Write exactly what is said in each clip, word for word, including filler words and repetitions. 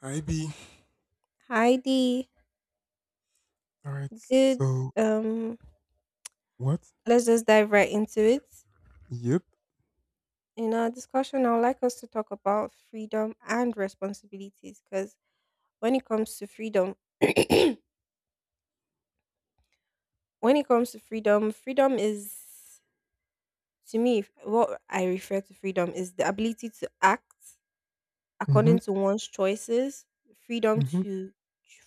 Hi B. Heidi, All right. good. So Um, what? let's just dive right into it. Yep. In our discussion, I would like us to talk about freedom and responsibilities because when it comes to freedom, when it comes to freedom, freedom is to me what I refer to freedom is the ability to act according Mhm. to one's choices, freedom Mhm. to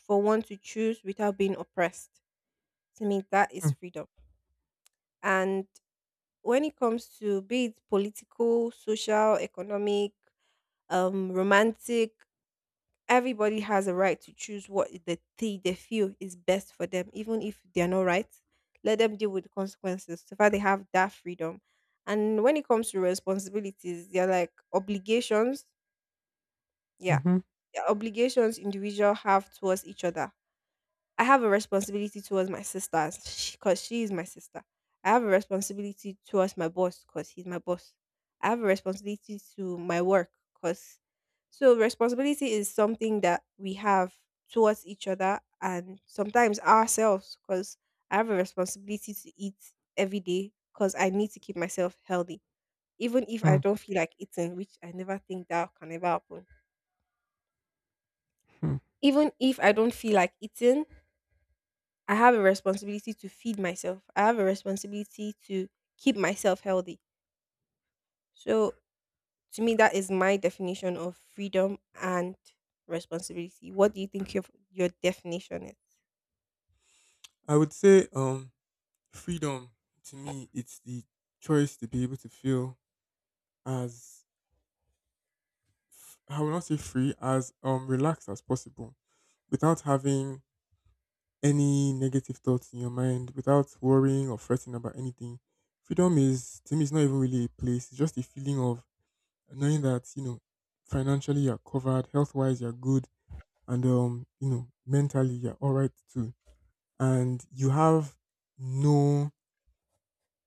for one to choose without being oppressed. To me, that is Mm. freedom. And when it comes to be it political, social, economic, um, romantic, everybody has a right to choose what the thing they feel is best for them, even if they are not right. Let them deal with the consequences. So far, they have that freedom. And when it comes to responsibilities, they're like obligations. Yeah, Mhm. they're obligations individual have towards each other. I have a responsibility towards my sisters because she is my sister. I have a responsibility towards my boss because he's my boss. I have a responsibility to my work because so responsibility is something that we have towards each other and sometimes ourselves because I have a responsibility to eat every day because I need to keep myself healthy. Even if I Mm, don't feel like eating, which I never think that can ever happen. mm. Even if I don't feel like eating, I have a responsibility to feed myself. I have a responsibility to keep myself healthy. So to me, that is my definition of freedom and responsibility. What do you think your your definition is? I would say um freedom to me it's the choice to be able to feel as f- I will not say free as um relaxed as possible without having any negative thoughts in your mind, without worrying or fretting about anything. Freedom is to me it's not even really a place. It's just a feeling of knowing that you know financially you're covered, health wise you're good and um, you know, mentally you're all right too. And you have no,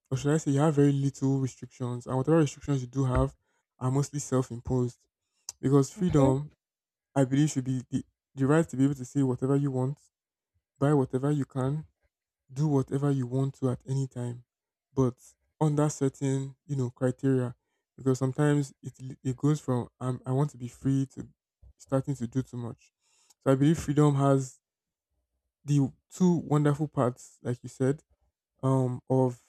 or should I say, you have very little restrictions, and whatever restrictions you do have are mostly self-imposed. Because Mm-hmm. freedom, I believe, should be the the right to be able to say whatever you want, buy whatever you can, do whatever you want to at any time, but under certain, you know, criteria. Because sometimes it l- it goes from um, I want to be free to starting to do too much. So I believe freedom has the two wonderful parts, like you said, um, of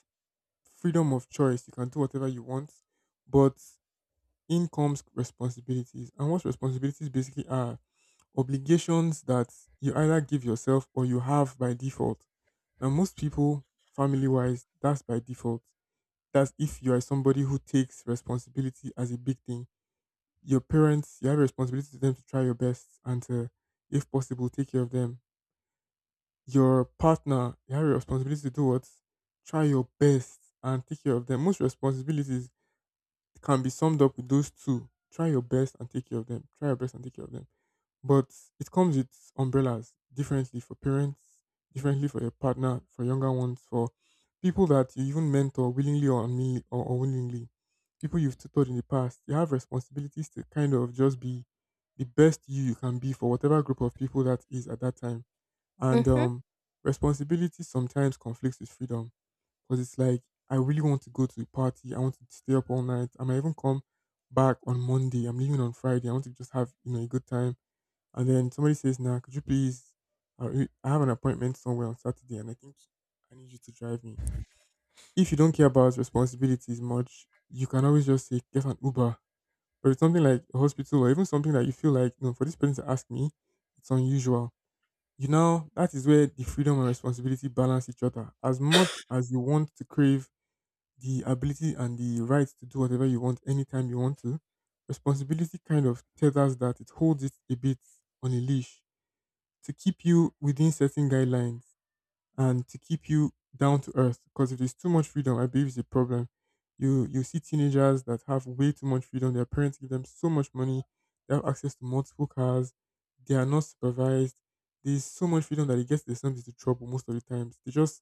freedom of choice. You can do whatever you want, but in comes responsibilities. And what responsibilities basically are obligations that you either give yourself or you have by default. Now, most people, family wise, that's by default. That's if you are somebody who takes responsibility as a big thing. Your parents, you have a responsibility to them to try your best and to, if possible, take care of them. Your partner, you have a responsibility to do what? Try your best and take care of them. Most responsibilities can be summed up with those two. Try your best and take care of them. Try your best and take care of them. But it comes with umbrellas differently for parents, differently for your partner, for younger ones, for people that you even mentor willingly or unwillingly, or unwillingly, people you've tutored in the past. You have responsibilities to kind of just be the best you you can be for whatever group of people that is at that time and Mm-hmm. um, responsibility sometimes conflicts with freedom because it's like, I really want to go to a party. I want to stay up all night. I might even come back on Monday. I'm leaving on Friday. I want to just have, you know, a good time. And then somebody says, nah, could you please, I re- I have an appointment somewhere on Saturday and I think I need you to drive me. If you don't care about responsibilities much, you can always just say, get an Uber. But it's something like a hospital or even something that you feel like, no, for this person to ask me, it's unusual, you know, that is where the freedom and responsibility balance each other. As much as you want to crave the ability and the right to do whatever you want anytime you want to, responsibility kind of tethers that, it holds it a bit on a leash to keep you within certain guidelines and to keep you down to earth. Because if there's too much freedom, I believe it's a problem. You you see teenagers that have way too much freedom. Their parents give them so much money. They have access to multiple cars. They are not supervised. There's so much freedom that it gets themselves into trouble most of the times. They just,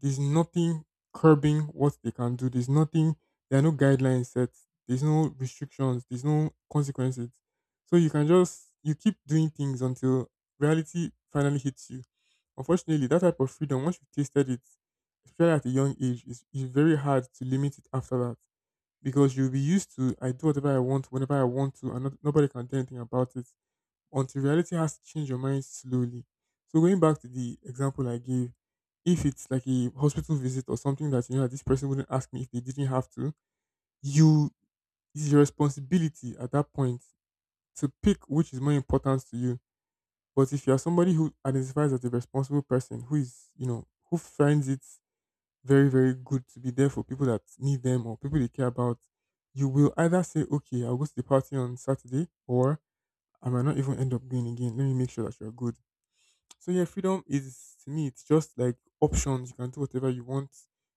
there's nothing curbing what they can do. There's nothing. There are no guidelines set. There's no restrictions. There's no consequences. So you can just, you keep doing things until reality finally hits you. Unfortunately, that type of freedom, once you've tasted it, especially at a young age, it's, it's very hard to limit it after that because you'll be used to I do whatever I want whenever I want to, and not, nobody can do anything about it until reality has to change your mind slowly. So going back to the example I gave, if it's like a hospital visit or something that you know that this person wouldn't ask me if they didn't have to, you, it's your responsibility at that point to pick which is more important to you. But if you are somebody who identifies as a responsible person, who is, you know, who finds it very, very good to be there for people that need them or people they care about, you will either say, okay, I'll go to the party on Saturday, or I might not even end up going again. Let me make sure that you're good. So yeah, freedom is to me it's just like options. You can do whatever you want.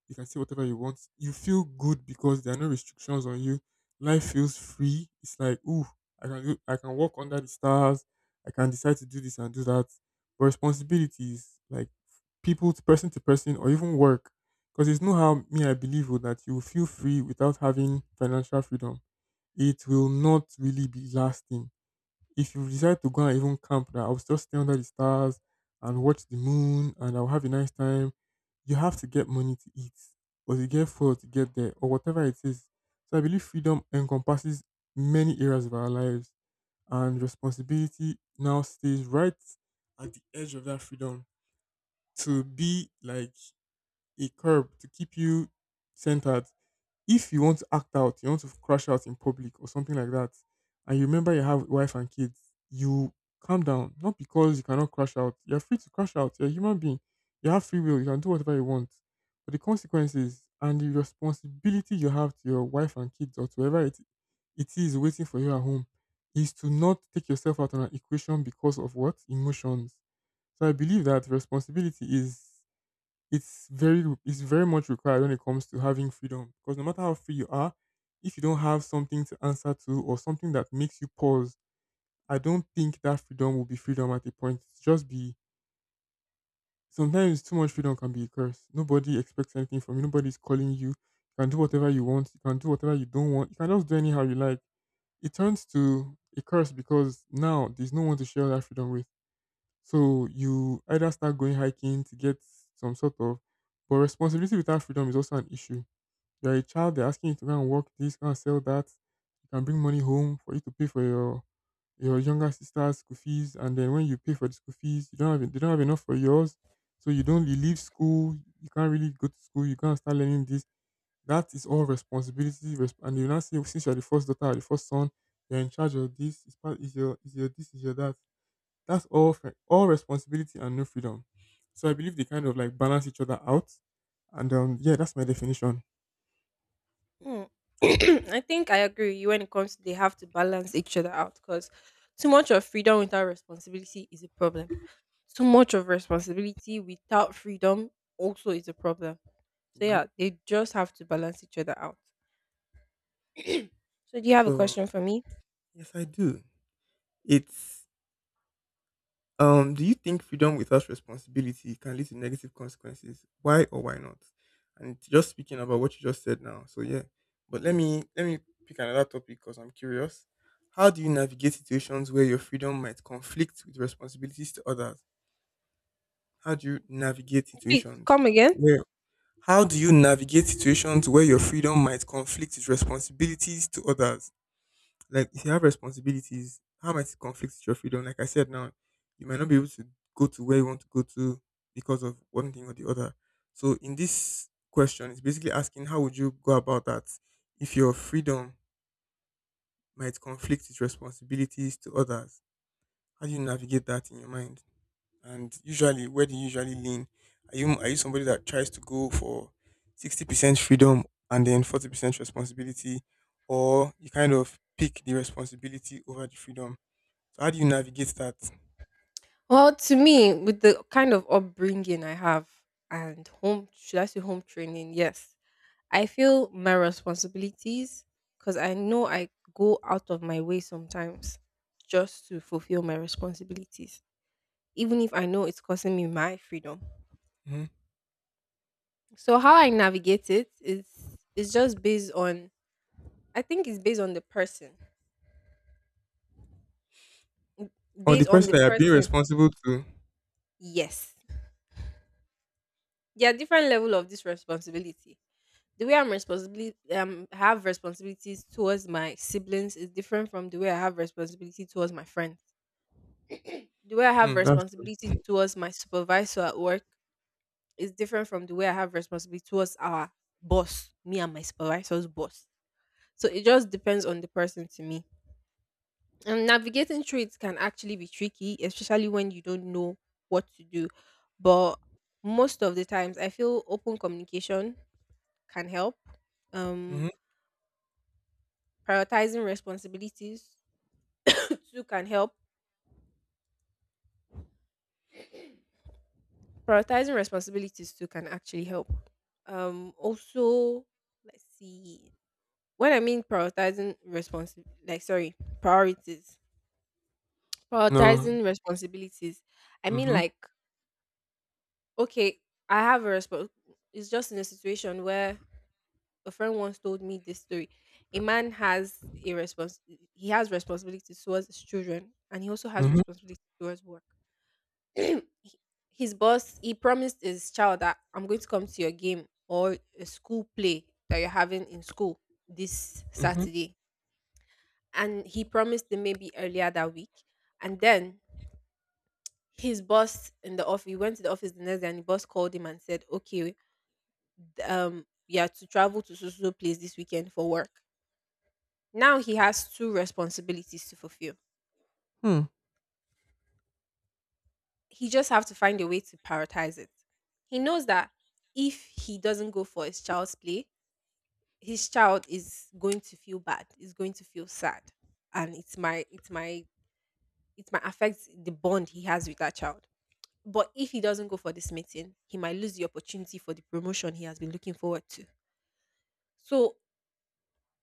You can say whatever you want. You feel good because there are no restrictions on you. Life feels free. It's like ooh, I can do, I can walk under the stars. I can decide to do this and do that. But responsibilities like people to person to person or even work, because it's no how me I believe oh, that you will feel free without having financial freedom. It will not really be lasting if you decide to go and even camp that I'll just stay under the stars and watch the moon and I'll have a nice time, you have to get money to eat or to get food to get there or whatever it is. So I believe freedom encompasses many areas of our lives and responsibility now stays right at the edge of that freedom to be like a curb to keep you centered. If you want to act out, you want to crash out in public or something like that, and you remember you have wife and kids, you calm down. Not because you cannot crash out. You're free to crash out. You're a human being. You have free will. You can do whatever you want. But the consequences and the responsibility you have to your wife and kids or to whoever it, it is waiting for you at home is to not take yourself out on an equation because of what? Emotions. So I believe that responsibility is, it's very it's very much required when it comes to having freedom because no matter how free you are, if you don't have something to answer to or something that makes you pause, I don't think that freedom will be freedom. At a point it's just be, sometimes too much freedom can be a curse. Nobody expects anything from you, nobody's calling you, you can do whatever you want, you can do whatever you don't want, you can just do anyhow you like. It turns to a curse because now there's no one to share that freedom with, so you either start going hiking to get some sort of, but responsibility without freedom is also an issue. You're a child, they're asking you to go and work this, go and sell that. You can bring money home for you to pay for your your younger sister's school fees, and then when you pay for the school fees, you don't have they don't have enough for yours, so you don't you leave school. You can't really go to school. You can't start learning this. That is all responsibility, res- and you now say since you're the first daughter, or the first son, you're in charge of this. Is part is your is your This is your that, that's all fr- all responsibility and no freedom. So I believe they kind of like balance each other out. And um, yeah, that's my definition. Mm. I think I agree with you when it comes to they have to balance each other out because too much of freedom without responsibility is a problem. Too much of responsibility without freedom also is a problem. So Yep. yeah, they just have to balance each other out. So, do you have a So question for me? yes, I do. It's um. Do you think freedom without responsibility can lead to negative consequences? Why or why not? And it's just speaking about what you just said now. So yeah, but let me let me pick another topic because I'm curious. How do you navigate situations where your freedom might conflict with responsibilities to others? How do you navigate Please situations? come again. where How do you navigate situations where your freedom might conflict with responsibilities to others? Like, if you have responsibilities, how might it conflict with your freedom? Like I said now, you might not be able to go to where you want to go to because of one thing or the other. So, in this question, it's basically asking how would you go about that if your freedom might conflict with responsibilities to others? How do you navigate that in your mind? And usually, where do you usually lean? Are you are you somebody that tries to go for sixty percent freedom and then forty percent responsibility, or you kind of pick the responsibility over the freedom? So how do you navigate that? Well, to me, with the kind of upbringing I have and home, should I say home training? Yes. I feel my responsibilities because I know I go out of my way sometimes just to fulfill my responsibilities, even if I know it's costing me my freedom. Hmm. So, how I navigate it is is just based on I think it's based on the person. Or the Based on person the that you're being person, responsible to? yes. There are different level of this responsibility the way I'm responsibility um have responsibilities towards my siblings is different from the way I have responsibility towards my friends. The way I have Mm, that's true. responsibility towards my supervisor at work is different from the way I have responsibility towards our boss, me and my supervisor's boss. So it just depends on the person to me. And navigating through it can actually be tricky, especially when you don't know what to do. But most of the times I feel open communication can help. Um Hmm. Prioritizing responsibilities too can help. Prioritizing responsibilities too can actually help. Um also, let's see. When I mean prioritizing responsi like sorry, priorities. No. Prioritizing responsibilities. I mean Mm-hmm. like, okay, I have a response it's just in a situation where a friend once told me this story. A man has a response he has responsibilities towards his children and he also has Mm-hmm. responsibilities towards work. His boss, he promised his child that I'm going to come to your game or a school play that you're having in school this Mm-hmm. Saturday, and he promised them maybe earlier that week, and then his boss in the office, he went to the office the next day and the boss called him and said, okay, um you have to travel to so so so place this weekend for work. Now he has two responsibilities to fulfill. Hmm. He just have to find a way to prioritize it. He knows that if he doesn't go for his child's play, his child is going to feel bad, is going to feel sad, and it's my it's my it might affect the bond he has with that child, but if he doesn't go for this meeting he might lose the opportunity for the promotion he has been looking forward to. So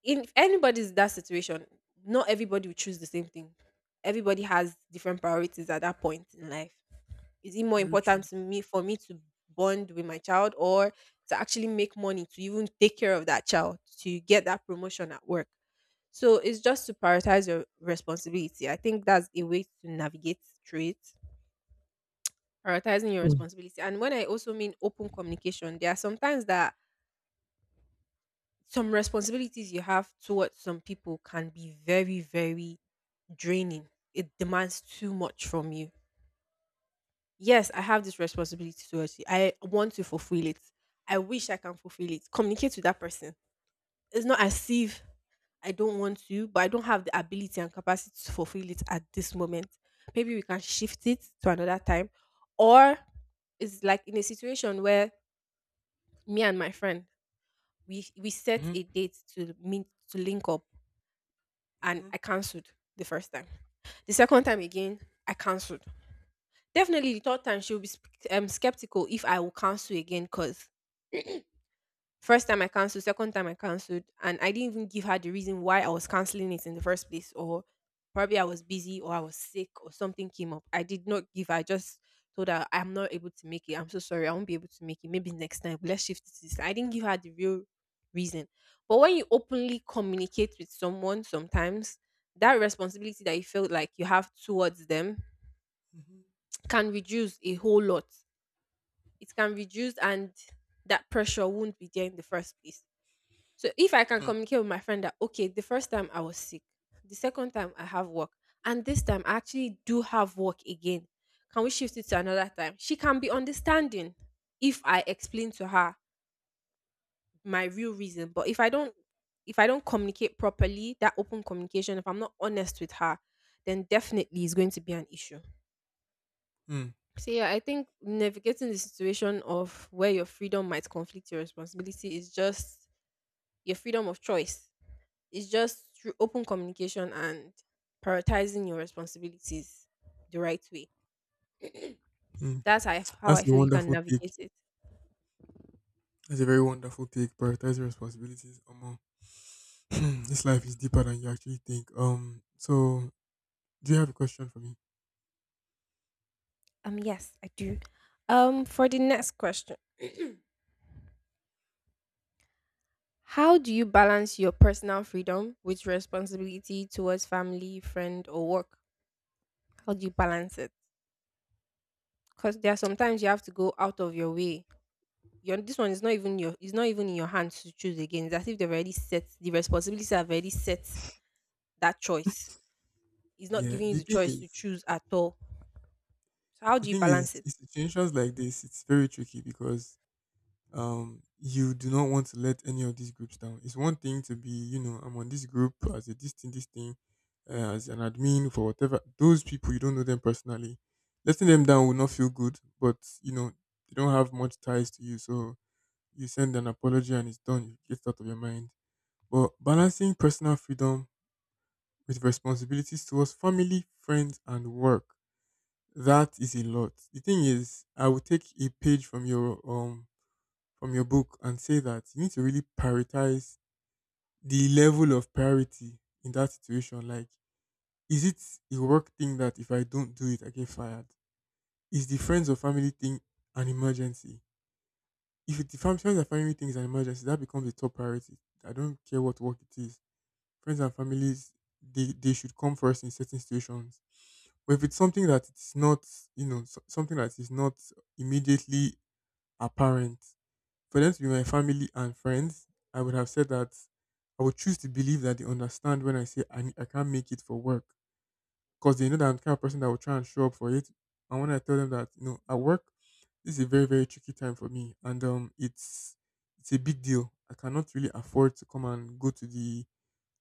in, if anybody's in that situation, not everybody will choose the same thing. Everybody has different priorities at that point in life. Is it more Very true. important to me for me to bond with my child or to actually make money to even take care of that child to get that promotion at work? So it's just to prioritize your responsibility. I think that's a way to navigate through it. Prioritizing your Hmm. responsibility. And when I also mean open communication, there are sometimes that some responsibilities you have towards some people can be very, very draining. It demands too much from you. Yes, I have this responsibility towards you. I want to fulfill it. I wish I can fulfill it. Communicate with that person. It's not as if I don't want to, but I don't have the ability and capacity to fulfill it at this moment. Maybe we can shift it to another time. Or it's like in a situation where me and my friend we we set Mm-hmm. a date to meet to link up and Mm-hmm. I cancelled the first time. The second time again, I cancelled. Definitely the third time she'll be sp- um, skeptical if I will cancel again because first time I canceled, second time I canceled, and I didn't even give her the reason why I was canceling it in the first place, or probably I was busy or I was sick or something came up. I did not give her, I just told her I'm not able to make it. I'm so sorry, I won't be able to make it. Maybe next time, let's shift it. To this." I didn't give her the real reason. But when you openly communicate with someone, sometimes that responsibility that you feel like you have towards them can reduce a whole lot. It can reduce and that pressure won't be there in the first place. So if I can Mm-hmm. communicate with my friend that okay, the first time I was sick, the second time I have work, and this time I actually do have work again. Can we shift it to another time? She can be understanding if I explain to her my real reason. But if I don't if I don't communicate properly, that open communication, if I'm not honest with her, then definitely is going to be an issue. So yeah, I think navigating the situation of where your freedom might conflict your responsibility is just your freedom of choice. It's just through open communication and prioritizing your responsibilities the right way. Mm-hmm. That's how I, how I That's a feel you can wonderful take. navigate it. That's a very wonderful take. Prioritize your responsibilities. Omo. This life is deeper than you actually think. Um, so do you have a question for me? Um, yes, I do. Um, for the next question, how do you balance your personal freedom with responsibility towards family, friend, or work? How do you balance it? Because there are sometimes you have to go out of your way. Your this one is not even your it's not even in your hands to choose again. It's as if they've already set the responsibilities have already set that choice. It's not Yeah, giving you the the thing choice to is, choose at all. So how the do you thing balance is, it? in situations like this, it's very tricky because um, you do not want to let any of these groups down. It's one thing to be, you know, I'm on this group as a this thing, this thing, uh, as an admin for whatever. Those people you don't know them personally, letting them down will not feel good, but you know they don't have much ties to you, so you send an apology and it's done. You get it out of your mind. But balancing personal freedom with responsibilities towards family, friends, and work. That is a lot. The thing is, I would take a page from your um from your book and say that you need to really prioritize the level of priority in that situation. Like, is it a work thing that if I don't do it, I get fired? Is the friends or family thing an emergency? If it, the fam- Friends and family thing is an emergency, that becomes a top priority. I don't care what work it is. Friends and families, they, they should come first in certain situations. But if it's something that it's not, you know, so- something that is not immediately apparent, for them to be my family and friends, I would have said that I would choose to believe that they understand when I say I, ne- I can't make it for work because they know that I'm the kind of person that will try and show up for it. And when I tell them that, you know, at work, this is a very, very tricky time for me. And um, it's, it's a big deal. I cannot really afford to come and go to the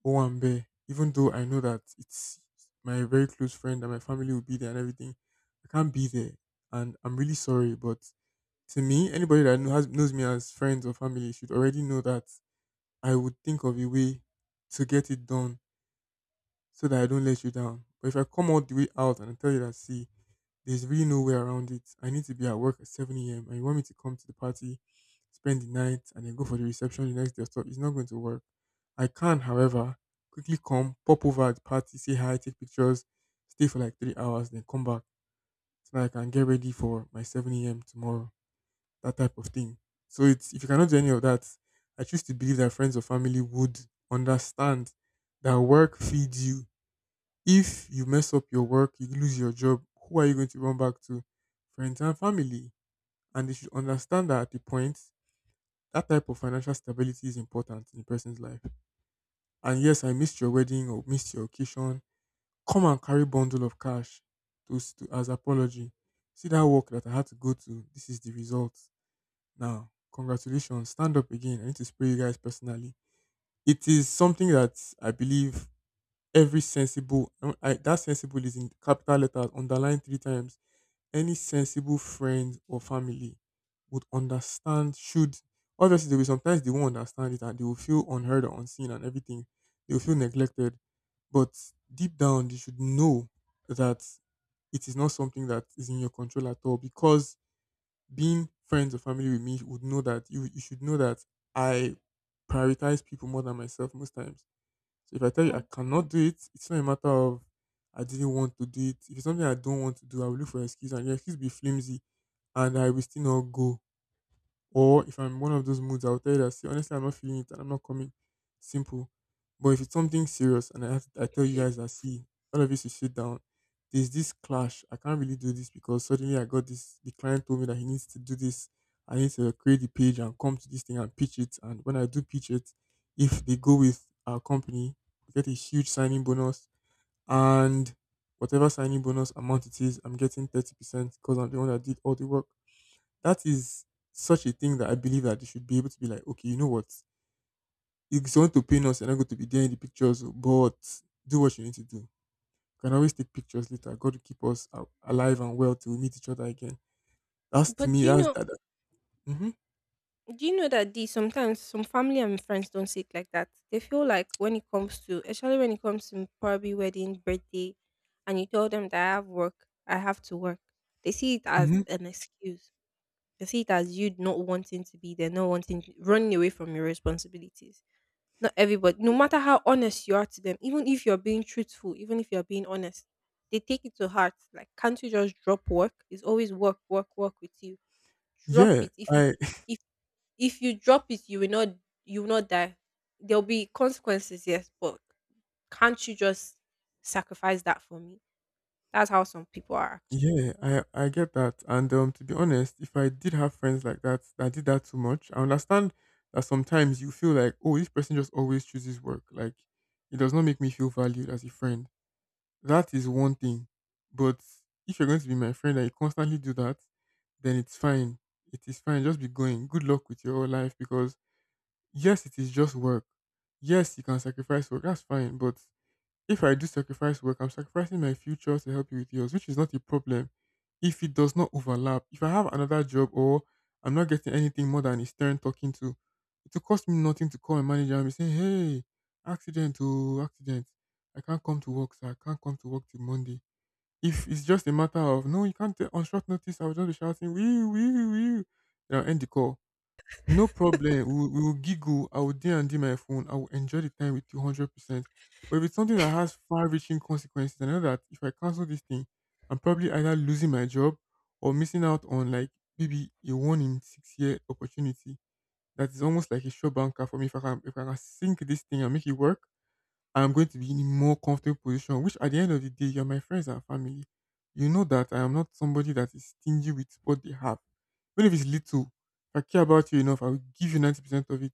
Owambe, even though I know that it's my very close friend and my family will be there and everything, I can't be there. And I'm really sorry, but to me, anybody that kno- has, knows me as friends or family should already know that I would think of a way to get it done so that I don't let you down. But if I come all the way out and I tell you that, see, there's really no way around it. I need to be at work at seven a m and you want me to come to the party, spend the night, and then go for the reception the next day or stuff, it's not going to work. I can, however, quickly come, pop over at the party, say hi, take pictures, stay for like three hours, then come back so that I can get ready for my seven a m tomorrow, that type of thing. So it's if you cannot do any of that, I choose to believe that friends or family would understand that work feeds you. If you mess up your work, you lose your job, who are you going to run back to? Friends and family. And they should understand that at the point, that type of financial stability is important in a person's life. And yes, I missed your wedding or missed your occasion, come and carry bundle of cash to, s- to as apology. See that work that I had to go to. This is the result. Now, congratulations. Stand up again. I need to spray you guys personally. It is something that I believe every sensible, I, that sensible is in capital letters, underlined three times, any sensible friend or family would understand should, obviously there will sometimes they won't understand it and they will feel unheard or unseen and everything. They will feel neglected. But deep down they should know that it is not something that is in your control at all because being friends or family with me would know that you you should know that I prioritize people more than myself most times. So if I tell you Hmm. I cannot do it, it's not a matter of I didn't want to do it. If it's something I don't want to do, I will look for an excuse and the excuse will be flimsy and I will still not go. Or if I'm one of those moods, I'll tell you that see, honestly I'm not feeling it and I'm not coming. Simple. But if it's something serious and I have I tell you guys that see, all of you should sit down. There's this clash. I can't really do this because suddenly I got this the client told me that he needs to do this. I need to create the page and come to this thing and pitch it. And when I do pitch it, if they go with our company, we get a huge signing bonus and whatever signing bonus amount it is, I'm getting thirty percent because I'm the one that did all the work. That is such a thing that I believe that they should be able to be like, okay, you know what? If someone to pain us, you're not going to be there in the pictures, oh, but do what you need to do. You can always take pictures later. God will keep us a- alive and well till we meet each other again. That's to But me, do you that's know that. Hmm. do you know that these sometimes some family and friends don't see it like that? They feel like when it comes to especially when it comes to probably wedding, birthday, and you tell them that I have work, I have to work. They see it as Hmm. an excuse I see it as you not wanting to be there, not wanting, running away from your responsibilities. Not everybody, no matter how honest you are to them, even if you're being truthful, even if you're being honest, they take it to heart. Like, can't you just drop work? It's always work, work, work with you. Drop Yeah, it. If you, I if if you drop it, you will not, you will not die. There'll be consequences, yes, but can't you just sacrifice that for me? That's how some people are actually. yeah, I I get that. And um, to be honest, if I did have friends like that that did that too much, I understand that sometimes you feel like, oh, this person just always chooses work. Like it does not make me feel valued as a friend. That is one thing. But if you're going to be my friend and you constantly do that, then it's fine. It is fine. Just be going. Good luck with your whole life because yes, it is just work. Yes, you can sacrifice work. That's fine. But if I do sacrifice work, I'm sacrificing my future to help you with yours, which is not a problem. If it does not overlap, if I have another job or I'm not getting anything more than a stern talking to, it will cost me nothing to call my manager and be saying, hey, accident, oh, accident. I can't come to work, sir. I can't come to work till Monday. If it's just a matter of, no, you can't, t- on short notice, I will just be shouting, wee, wee, wee. Then I'll end the call. No problem. We will, we will giggle. I will D and D my phone. I will enjoy the time with you one hundred percent. But if it's something that has far reaching consequences, I know that if I cancel this thing, I'm probably either losing my job or missing out on like maybe a one in six year opportunity. That is almost like a sure banker for me. If I can, if I can sink this thing and make it work, I'm going to be in a more comfortable position, which at the end of the day, you're my friends and family. You know that I am not somebody that is stingy with what they have. Even if it's little, if I care about you enough, I will give you ninety percent of it.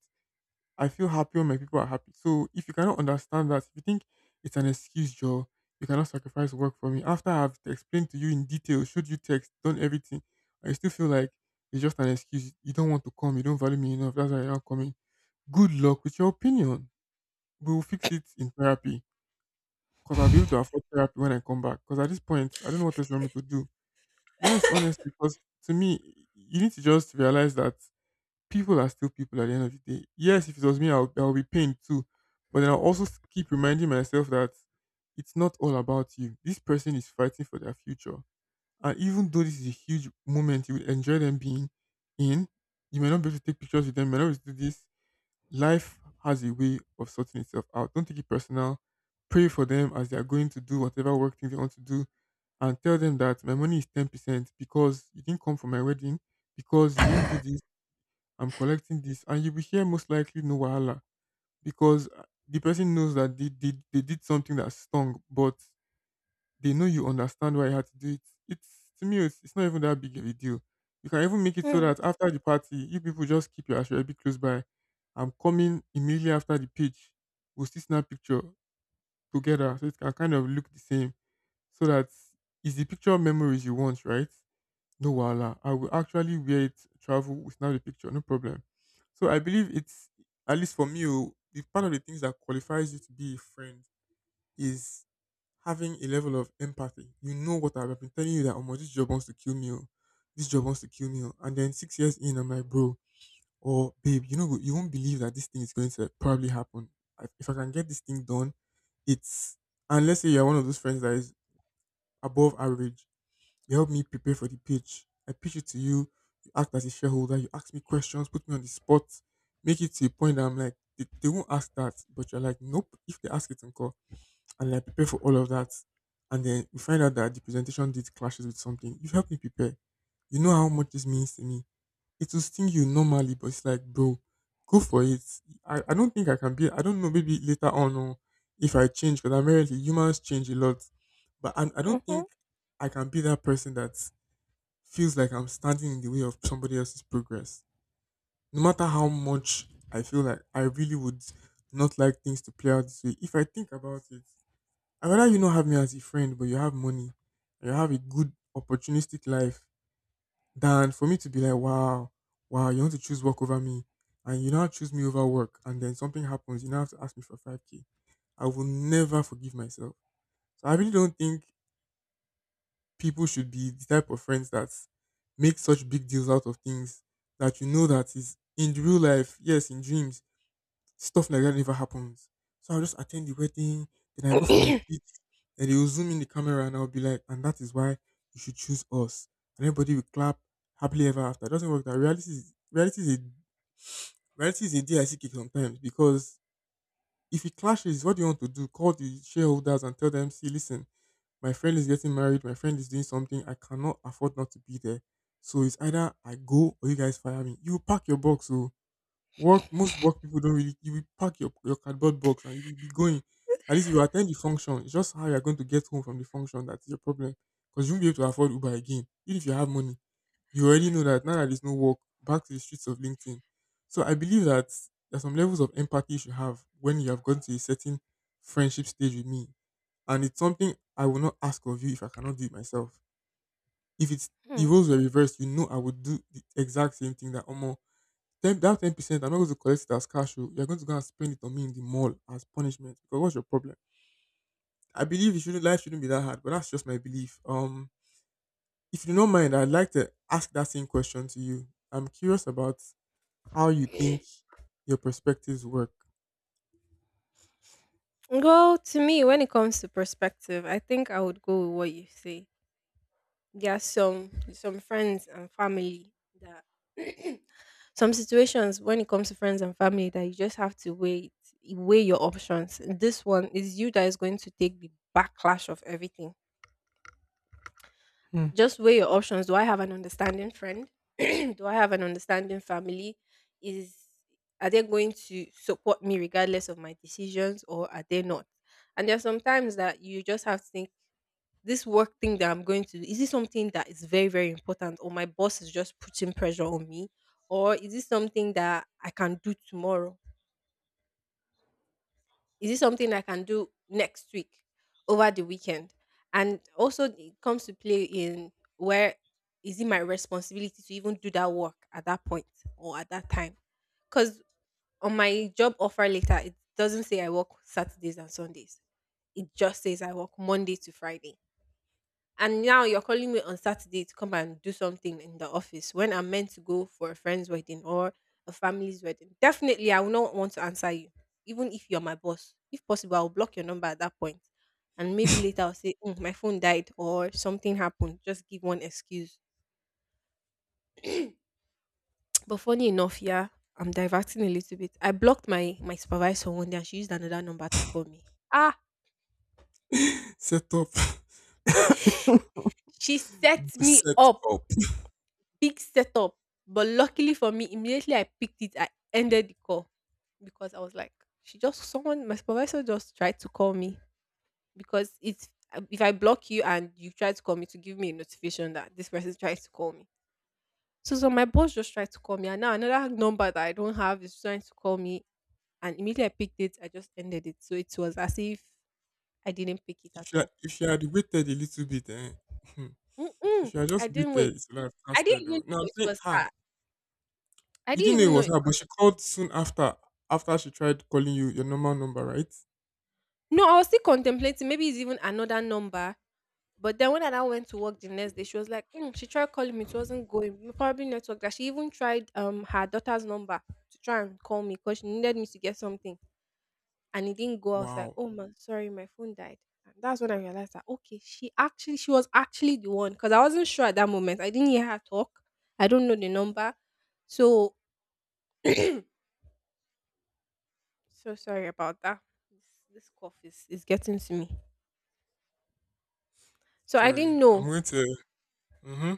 I feel happy when my people are happy. So if you cannot understand that, if you think it's an excuse, Joe, you cannot sacrifice work for me. After I've explained to you in detail, showed you text, done everything, and you still feel like it's just an excuse. You don't want to come. You don't value me enough. That's why you're not coming. Good luck with your opinion. We will fix it in therapy because I'll be able to afford therapy when I come back. Because at this point, I don't know what else you want me to do. Yes, honestly, because to me, you need to just realize that people are still people at the end of the day. Yes, if it was me, I'll, I'll be pained too. But then I'll also s- keep reminding myself that it's not all about you. This person is fighting for their future. And even though this is a huge moment you will enjoy them being in, you may not be able to take pictures with them, you may not be able to do this. Life has a way of sorting itself out. Don't take it personal. Pray for them as they are going to do whatever work thing they want to do and tell them that my money is ten percent because you didn't come for my wedding, because you didn't do this I'm collecting this, and you will hear most likely no wahala because uh, the person knows that they, they, they did something that stung, but they know you understand why you had to do it. It's to me, it's, it's not even that big of a deal. You can even make it so that after the party, you people just keep your ashwabi close by. I'm coming immediately after the pitch. We'll still snap picture together so it can kind of look the same. So that is the picture memories you want, right? No wala. I will actually wear it, travel without the picture, no problem. So I believe it's, at least for me, oh, the part of the things that qualifies you to be a friend is having a level of empathy. You know what I've been telling you that, oh my, this job wants to kill me, oh. This job wants to kill me, oh. And then six years in, I'm like, bro, or babe, you know you won't believe that this thing is going to probably happen. I- If I can get this thing done, it's, and let's say you're one of those friends that is above average, you help me prepare for the pitch. I pitch it to you. You act as a shareholder. You ask me questions, put me on the spot, make it to a point that I'm like, they, they won't ask that. But you're like, nope, if they ask it, and call. And I prepare for all of that. And then we find out that the presentation did clashes with something. You've helped me prepare. You know how much this means to me. It will sting you normally, but it's like, bro, go for it. I, I don't think I can be, I don't know, maybe later on, or if I change, because apparently humans change a lot. But I, I don't think I can be that person that feels like I'm standing in the way of somebody else's progress. No matter how much I feel like I really would not like things to play out this way, if I think about it, I'd rather you not have me as a friend, but you have money and you have a good opportunistic life, than for me to be like, wow, wow, you want to choose work over me, and you now choose me over work and then something happens, you now have to ask me for five k. I will never forgive myself. So I really don't think people should be the type of friends that make such big deals out of things that you know that is in the real life, yes, in dreams, stuff like that never happens. So I'll just attend the wedding, then I go for my Mm-hmm. pitch, then they will zoom in the camera and I'll be like, and that is why you should choose us. And everybody will clap happily ever after. It doesn't work that. reality is reality is a reality is a D I C kick sometimes, because if it clashes, what do you want to do? Call the shareholders and tell them, see, listen, my friend is getting married, my friend is doing something, I cannot afford not to be there. So it's either I go or you guys fire me. You pack your box, so work, most work people don't really, you will pack your, your cardboard box and you will be going. At least you attend the function. It's just how you're going to get home from the function that's your problem. Because you won't be able to afford Uber again. Even if you have money. You already know that now that there's no work, back to the streets of LinkedIn. So I believe that there are some levels of empathy you should have when you have gone to a certain friendship stage with me, and it's something I will not ask of you if I cannot do it myself. If it's, the roles were reversed, you know I would do the exact same thing. That almost ten that ten percent, I'm not going to collect it as cash, oh. You're going to go and spend it on me in the mall as punishment. Because what's your problem? I believe it shouldn't, life shouldn't be that hard, but that's just my belief. Um if you don't mind, I'd like to ask that same question to you. I'm curious about how you think your perspectives work. Well, to me, when it comes to perspective, I think I would go with what you say. There are some some friends and family that some situations when it comes to friends and family that you just have to wait, weigh weigh your options. This one is you that is going to take the backlash of everything. Hmm. Just weigh your options. Do I have an understanding friend? Do I have an understanding family? Is are they going to support me regardless of my decisions or are they not? And there are some times that you just have to think this work thing that I'm going to do, is it something that is very, very important? Or my boss is just putting pressure on me? Or is this something that I can do tomorrow? Is it something I can do next week over the weekend? And also, it comes to play in where is it my responsibility to even do that work at that point or at that time? Because on my job offer later, it doesn't say I work Saturdays and Sundays. It just says I work Monday to Friday. And now you're calling me on Saturday to come and do something in the office when I'm meant to go for a friend's wedding or a family's wedding. Definitely, I will not want to answer you, even if you're my boss. If possible, I'll block your number at that point. And maybe later I'll say, "Mm, my phone died or something happened." Just give one excuse. But funny enough, yeah, I'm diverting a little bit. I blocked my my supervisor one day and she used another number to call me. Ah, Set up. she set me Set up. up. Big setup. But luckily for me, immediately I picked it, I ended the call because I was like, she just someone my supervisor just tried to call me. Because it's, if I block you and you try to call me, to give me a notification that this person tries to call me. So so my boss just tried to call me and now another number that I don't have is trying to call me, and immediately I picked it, I just ended it. So it was as if I didn't pick it at If you had, all. If you had waited a little bit, eh, she Mm-mm, should have I just didn't wait. waited. She would have I didn't casted even though. No, know I'm it saying was her. her. I You didn't didn't know it even know was it. her, but she called soon after. After she tried calling you your normal number, right? No, I was still contemplating. Maybe it's even another number. But then when I went to work the next day, she was like, "Mm, she tried calling me. It wasn't going. Probably network." That she even tried um her daughter's number to try and call me because she needed me to get something, and it didn't go. I was like, Wow. "Oh man, sorry, my phone died." And that's when I realized that okay, she actually she was actually the one, because I wasn't sure at that moment. I didn't hear her talk. I don't know the number, so so sorry about that. This, this cough is is getting to me. So I Sorry. didn't I'm know going to. Mm-hmm.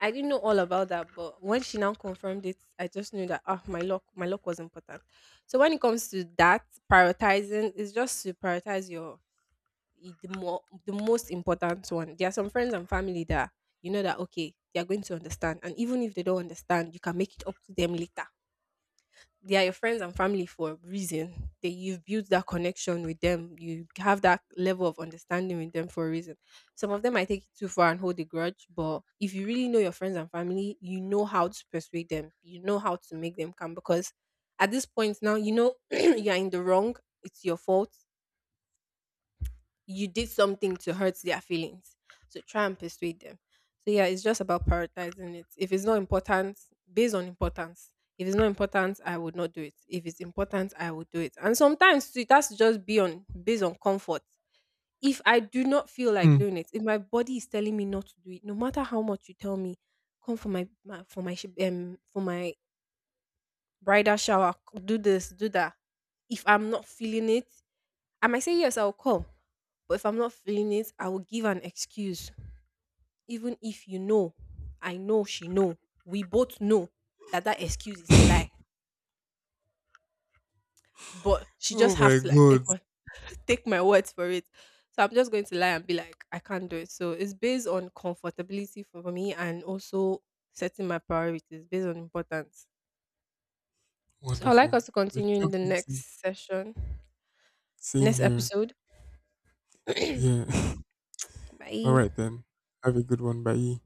I didn't know all about that, but when she now confirmed it, I just knew that ah, my luck, my luck was important. So when it comes to that prioritizing, it's just to prioritize your the more the most important one. There are some friends and family that you know that okay, they are going to understand, and even if they don't understand, you can make it up to them later. They are your friends and family for a reason. They You've built that connection with them. You have that level of understanding with them for a reason. Some of them might take it too far and hold a grudge, but if you really know your friends and family, you know how to persuade them. You know how to make them come because at this point now you know you are in the wrong. It's your fault, you did something to hurt their feelings. So try and persuade them. So yeah, it's just about prioritizing it. If it's not important, based on importance. If it's not important, I would not do it. If it's important, I would do it. And sometimes too, it has to just be on based on comfort. If I do not feel like Hmm. doing it, if my body is telling me not to do it, no matter how much you tell me, come for my, my for my sh- um for my bridal shower, c- do this, do that. If I'm not feeling it, I might say yes, I'll come. But if I'm not feeling it, I will give an excuse. Even if you know, I know she know, we both know that that excuse is a lie. But she Oh just have my to like take god. my take my words for it. So I'm just going to lie and be like, I can't do it. So it's based on comfortability for me and also setting my priorities based on importance. So I'd like us Wonderful. to We continue in jump the into, next session, same next here. episode. Yeah. All Bye. right then. Have a good one. Bye.